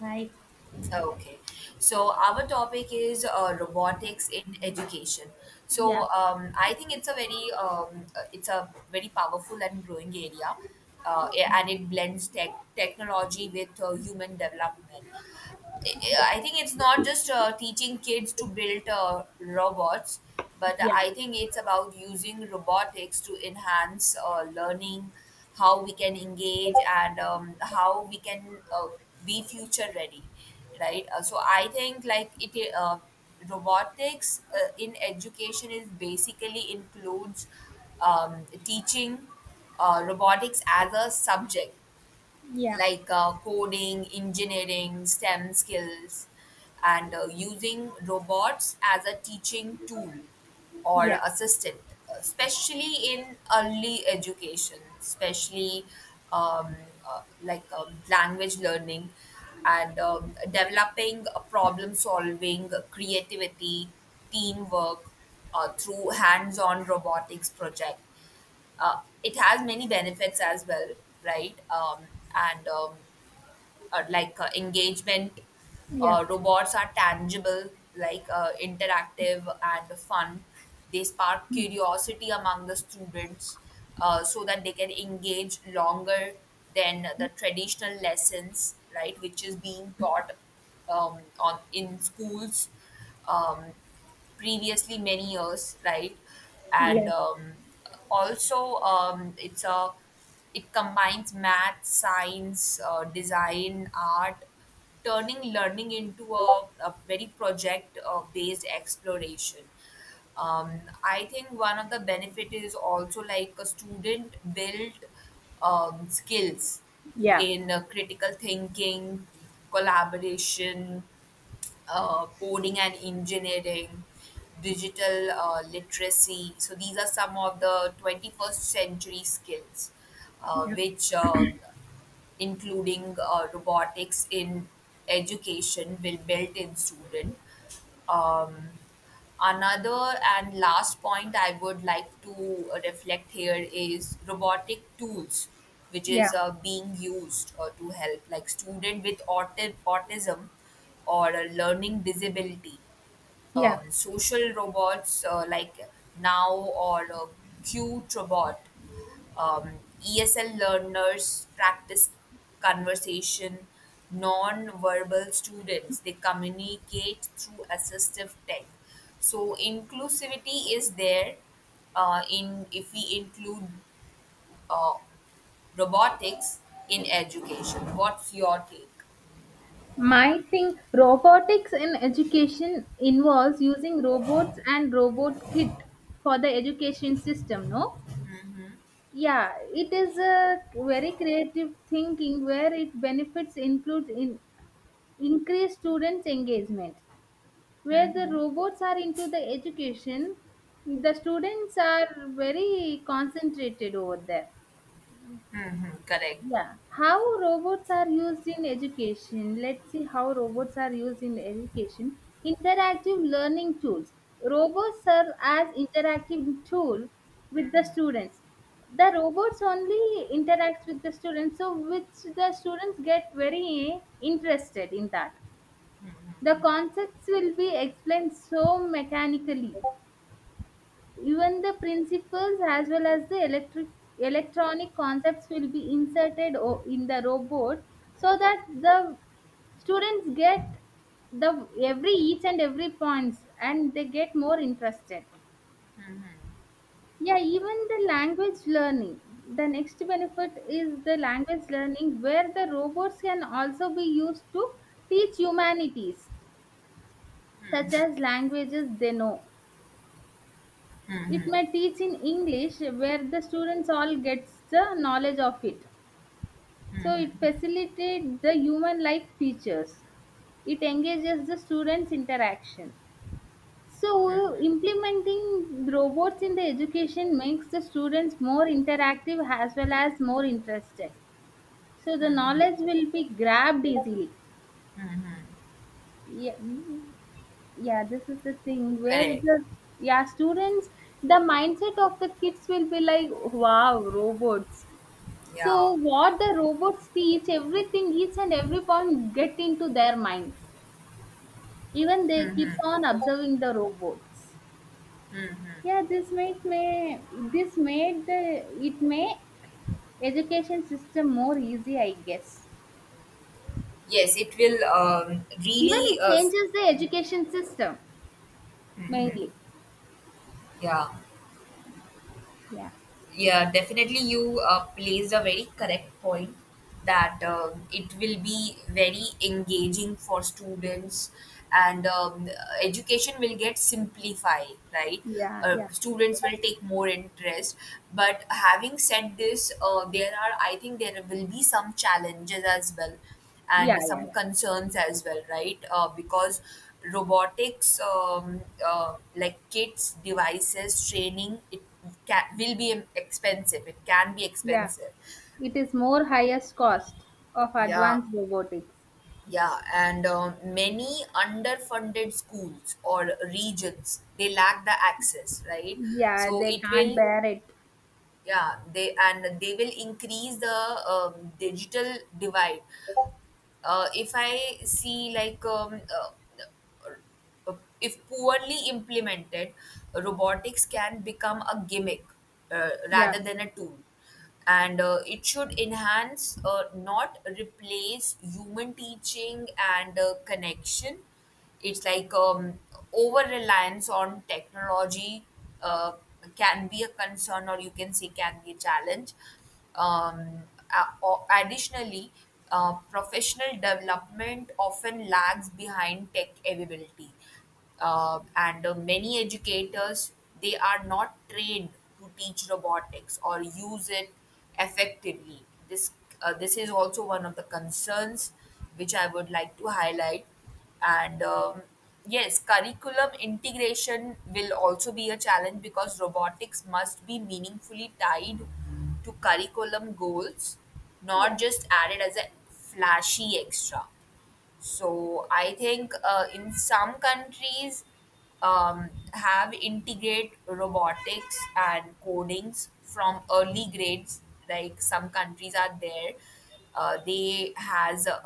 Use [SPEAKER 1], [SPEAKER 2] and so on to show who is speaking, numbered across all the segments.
[SPEAKER 1] Right?
[SPEAKER 2] Okay, so our topic is robotics in education.
[SPEAKER 1] Yeah,
[SPEAKER 2] I think it's a very powerful and growing area, and it blends technology with human development. I think it's not just teaching kids to build robots, but
[SPEAKER 1] yeah,
[SPEAKER 2] I think it's about using robotics to enhance learning, how we can engage, and how we can be future ready, right? So I think like it robotics in education is basically includes teaching robotics as a subject
[SPEAKER 1] yeah,
[SPEAKER 2] like coding, engineering, STEM skills, and using robots as a teaching tool or
[SPEAKER 1] yeah,
[SPEAKER 2] assistant, especially in early education, especially um, language learning and developing a problem solving, creativity, teamwork through hands on robotics project. Uh, it has many benefits as well, right? And like Engagement.
[SPEAKER 1] yeah, yeah.
[SPEAKER 2] Robots are tangible, like interactive and fun. They spark curiosity among the students so that they can engage longer than the traditional lessons, right? Which is being taught on in schools. Um, Previously many years, right? And
[SPEAKER 1] Yeah.
[SPEAKER 2] Also, it's a it combines math, science, design, art, turning learning into a very project based exploration. I think one of the benefit is also like a student built skills
[SPEAKER 1] Yeah,
[SPEAKER 2] in critical thinking, collaboration, coding and engineering, digital literacy. So these are some of the 21st century skills, which including robotics in education will build in student. um, Another and last point I would like to reflect here is robotic tools which
[SPEAKER 1] yeah,
[SPEAKER 2] is being used to help like student with autism or a learning disability.
[SPEAKER 1] yeah.
[SPEAKER 2] Social robots like now or qt robot. ESL learners practice conversation, non-verbal students, they communicate through assistive tech. So inclusivity is there in if we include uh, robotics in education. What's your take?
[SPEAKER 1] My thing, robotics in education involves using robots and robot kit for the education system, no? Yeah, it is a very creative thinking where it benefits includes in increased students' engagement. Where the robots are into the education, the students are very concentrated over there.
[SPEAKER 2] Mm-hmm, correct,
[SPEAKER 1] Yeah, how robots are used in education. Let's see how robots are used in education. Interactive learning tools. Robots serve as interactive tool with the students. The robots only interacts with the students, so which the students get very interested in that. The concepts will be explained so mechanically. Even the principles as well as the electric electronic concepts will be inserted in the robot so that the students get the every each and every points, and they get more interested. Yeah, even the language learning, the next benefit is the language learning, where the robots can also be used to teach humanities such as languages they know. It might teach in English, where the students all gets the knowledge of it. So it facilitates the human like features. It engages the students interaction. So implementing robots in the education makes the students more interactive as well as more interested, so the knowledge will be grabbed easily. Yeah, yeah, this is the thing where
[SPEAKER 2] correct.
[SPEAKER 1] the, yeah, students, the mindset of the kids will be like, wow, robots. So
[SPEAKER 2] Yeah.
[SPEAKER 1] what the robots teach, everything, each and every point get into their minds. Even they keeps on observing the robots. Yeah, this makes me, this made the, it made education system more easy, I guess.
[SPEAKER 2] Yes, it will
[SPEAKER 1] Even it changes the education system mainly.
[SPEAKER 2] yeah.
[SPEAKER 1] Yeah,
[SPEAKER 2] Yeah, definitely you placed a very correct point that it will be very engaging for students and education will get simplified, right?
[SPEAKER 1] yeah, yeah,
[SPEAKER 2] Students will take more interest, but having said this there are I think there will be some challenges as well
[SPEAKER 1] yeah,
[SPEAKER 2] and
[SPEAKER 1] yeah,
[SPEAKER 2] some
[SPEAKER 1] yeah.
[SPEAKER 2] concerns as well, right? Because robotics, like kits, devices, training, it will be expensive. It can be
[SPEAKER 1] Yeah.
[SPEAKER 2] expensive.
[SPEAKER 1] It is more highest cost of
[SPEAKER 2] Yeah,
[SPEAKER 1] advanced robotics.
[SPEAKER 2] yeah, and many underfunded schools or regions they lack the access, right?
[SPEAKER 1] Yeah,
[SPEAKER 2] So
[SPEAKER 1] they
[SPEAKER 2] it
[SPEAKER 1] can't
[SPEAKER 2] will,
[SPEAKER 1] bear it.
[SPEAKER 2] yeah, they and they will increase the digital divide. If I see uh, if poorly implemented, robotics can become a gimmick rather
[SPEAKER 1] Yeah.
[SPEAKER 2] than a tool. And it should enhance, not replace, human teaching and connection. It's like Over reliance on technology uh, can be a concern, or you can say, can be a challenge. um, Additionally, professional development often lags behind tech availability, and many educators they are not trained to teach robotics or use it effectively. This this is also one of the concerns which I would like to highlight, and yes, curriculum integration will also be a challenge because robotics must be meaningfully tied to curriculum goals, not
[SPEAKER 1] Yeah.
[SPEAKER 2] just added as a flashy extra. So I think in some countries have integrate robotics and codings from early grades. Like some countries are there, they has a,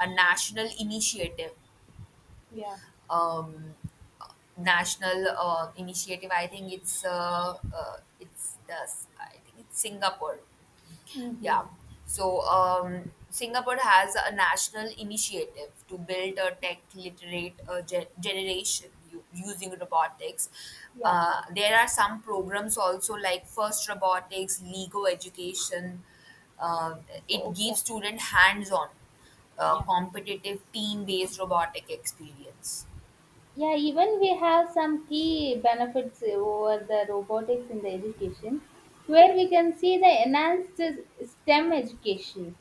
[SPEAKER 2] a national initiative. Um, National initiative. I think it's the I think it's Singapore, yeah. So, Singapore has a national initiative to build a tech literate generation using robotics. There are some programs also like First Robotics, Lego Education. Uh, it gives
[SPEAKER 1] Okay.
[SPEAKER 2] student hands-on, competitive team-based robotic experience.
[SPEAKER 1] Yeah, even we have some key benefits over the robotics in the education, where we can see the enhanced STEM education,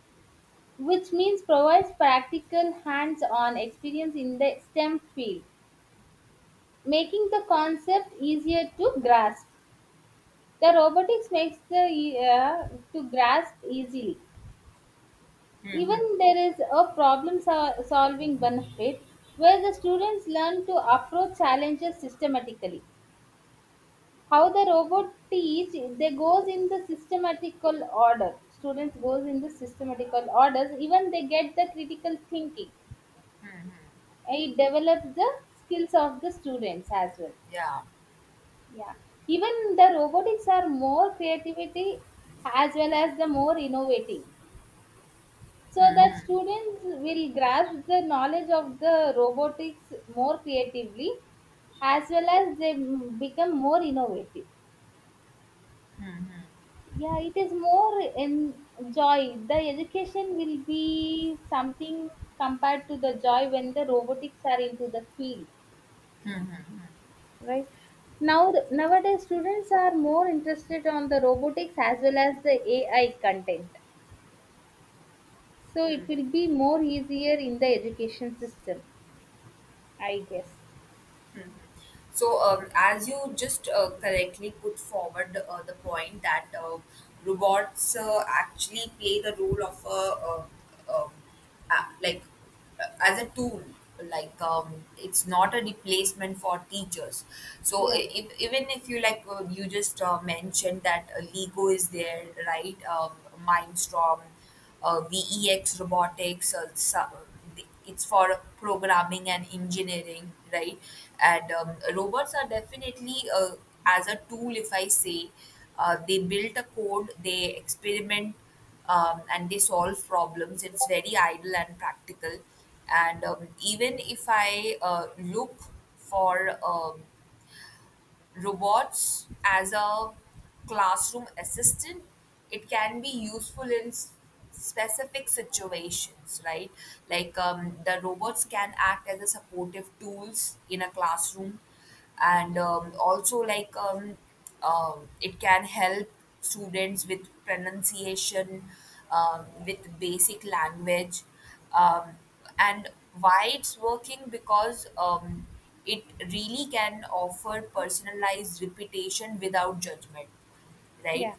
[SPEAKER 1] which means provides practical hands-on experience in the STEM field, making the concept easier to grasp. The robotics makes the to grasp easily.
[SPEAKER 2] Hmm. Hmm.
[SPEAKER 1] Even there is a problem solving benefit, where the students learn to approach challenges systematically. How the robot teach, they goes in the systematical order. Students goes in the systematical orders. Even they get the critical thinking.
[SPEAKER 2] Hmm, hmm.
[SPEAKER 1] It develops the skills of the students as well.
[SPEAKER 2] Yeah.
[SPEAKER 1] Yeah. Even the robotics are more creativity as well as the more innovating. So
[SPEAKER 2] Hmm,
[SPEAKER 1] that students will grasp the knowledge of the robotics more creatively, as well as they become more innovative.
[SPEAKER 2] hmm,
[SPEAKER 1] Yeah, it is more enjoy, the education will be something compared to the joy when the robotics are into the field, right? Now nowadays students are more interested on the robotics as well as the AI content, so it will
[SPEAKER 2] hmm.
[SPEAKER 1] be more easier in the education system, I guess.
[SPEAKER 2] Hmm. So, as you just correctly put forward the point that robots actually play the role of uh, um, like as a tool, it's not a replacement for teachers. So,
[SPEAKER 1] Yeah,
[SPEAKER 2] I- if, even if you like, you just mentioned that Lego is there, right? Mindstorm, VEX Robotics, it's for programming and engineering, right? And robots are definitely as a tool if I say they build a code they experiment and they solve problems, it's very idle and practical. And even if I look for um, robots as a classroom assistant, it can be useful in specific situations, right? The robots can act as a supportive tools in a classroom and also like it can help students with pronunciation with basic language, um, and why it's working because it really can offer personalized reputation without judgment, right?
[SPEAKER 1] yeah,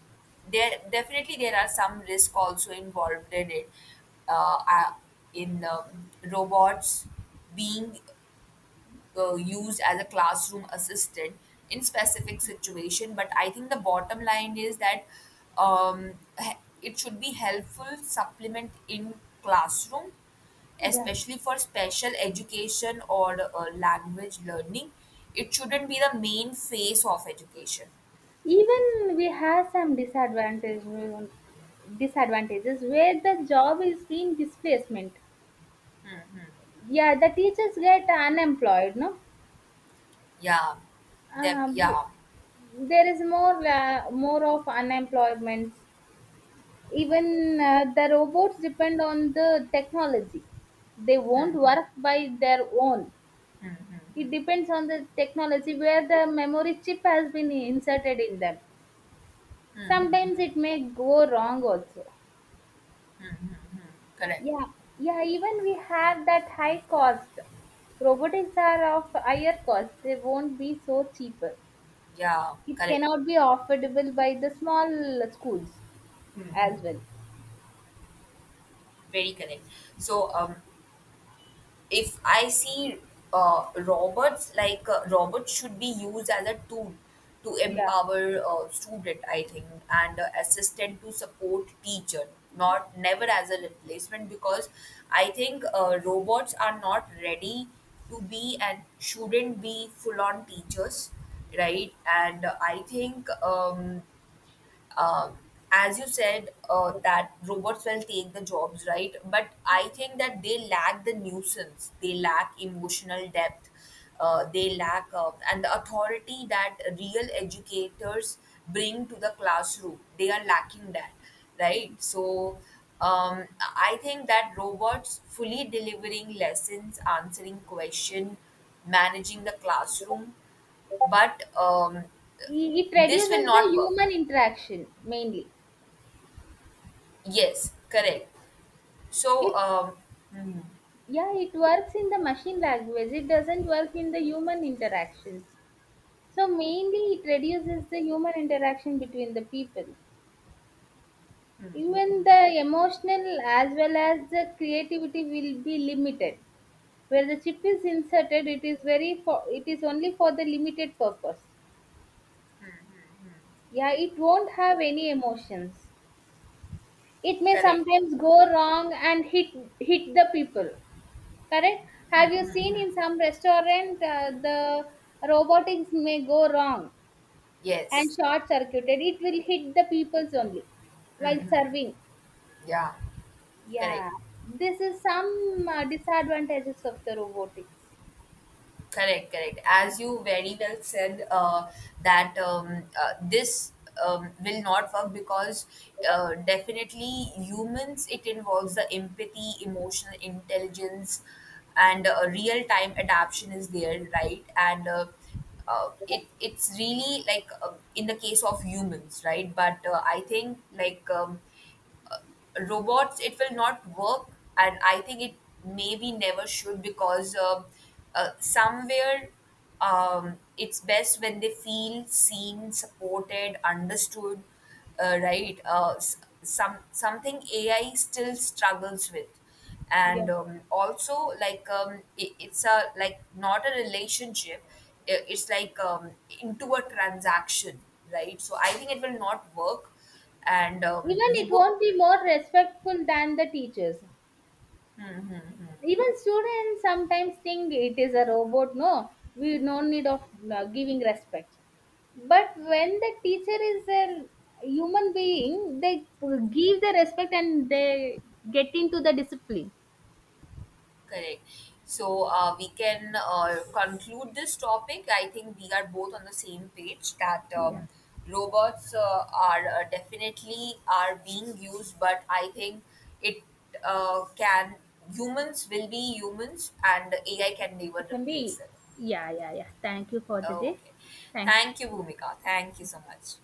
[SPEAKER 2] There definitely there are some risk also involved in it. Uh, uh, in Robots being used as a classroom assistant in specific situation, but I think the bottom line is that um, it should be helpful supplement in classroom,
[SPEAKER 1] yeah,
[SPEAKER 2] especially for special education or language learning. It shouldn't be the main face of education.
[SPEAKER 1] even we have some disadvantage, disadvantages, where the job is being displacement. Yeah, the teachers get unemployed, no?
[SPEAKER 2] yeah
[SPEAKER 1] uh,
[SPEAKER 2] yeah.
[SPEAKER 1] there is more more of unemployment. Even the robots depend on the technology, they won't work by their own. It depends on the technology, where the memory chip has been inserted in them. Sometimes it may go wrong also.
[SPEAKER 2] Correct.
[SPEAKER 1] Yeah. Yeah, even we have that high cost. Robotics are of higher cost, they won't be so cheaper.
[SPEAKER 2] Yeah.
[SPEAKER 1] It
[SPEAKER 2] Correct.
[SPEAKER 1] cannot be affordable by the small schools as well.
[SPEAKER 2] Very correct. So if I see robots should be used as a tool to
[SPEAKER 1] Yeah.
[SPEAKER 2] empower student, I think, and assistant to support teacher, not never as a replacement because I think robots are not ready to be and shouldn't be full on teachers, right? And I think. Um, as you said, that robots will take the jobs, right? But I think that they lack the nuisance, they lack emotional depth, they lack and the authority that real educators bring to the classroom. They are lacking that, right? So. I think that robots fully delivering lessons, answering question, managing the classroom, but
[SPEAKER 1] It
[SPEAKER 2] this will
[SPEAKER 1] reduces the
[SPEAKER 2] not work.
[SPEAKER 1] human interaction mainly.
[SPEAKER 2] Yes, correct. So,
[SPEAKER 1] It,
[SPEAKER 2] hmm,
[SPEAKER 1] yeah, it works in the machine language. It doesn't work in the human interactions. So mainly it reduces the human interaction between the people. Even the emotional as well as the creativity will be limited. Where the chip is inserted, it is very for it is only for the limited purpose. Yeah, it won't have any emotions. It may
[SPEAKER 2] correct.
[SPEAKER 1] sometimes go wrong and hit, hit the people. Correct. Have you seen in some restaurant the robotics may go wrong and
[SPEAKER 2] Yes,
[SPEAKER 1] short circuited, it will hit the people's only while serving.
[SPEAKER 2] yeah, correct,
[SPEAKER 1] Yeah, this is some disadvantages of the robotics.
[SPEAKER 2] correct, correct. As you very well said, that this will not work because definitely humans, it involves the empathy, emotional intelligence, and real time adaptation is there, right? And it it's really like in the case of humans, right? But I think like. Robots it will not work and I think it maybe never should because somewhere it's best when they feel seen supported understood, right. Some something ai still struggles with. And
[SPEAKER 1] Yeah,
[SPEAKER 2] also like it, it's a like not a relationship, it's like into a transaction, right? So I think it will not work. And
[SPEAKER 1] even
[SPEAKER 2] we
[SPEAKER 1] it
[SPEAKER 2] both
[SPEAKER 1] won't be
[SPEAKER 2] agree.
[SPEAKER 1] more respectful than the teachers.
[SPEAKER 2] Mm-hmm.
[SPEAKER 1] Even students sometimes think it is a robot, no, we no need of giving respect. But when the teacher is a human being, they give the respect and they get into the discipline.
[SPEAKER 2] Correct. So we can conclude this topic. I think we are both on the same page that
[SPEAKER 1] Yeah.
[SPEAKER 2] robots are definitely are being used, but I think it can humans will be humans and AI can never
[SPEAKER 1] It can
[SPEAKER 2] replace
[SPEAKER 1] be.
[SPEAKER 2] it.
[SPEAKER 1] Yeah, yeah, yeah, thank you for the day.
[SPEAKER 2] Okay.
[SPEAKER 1] Thanks.
[SPEAKER 2] Thank you, Bhumika. Thank you so much.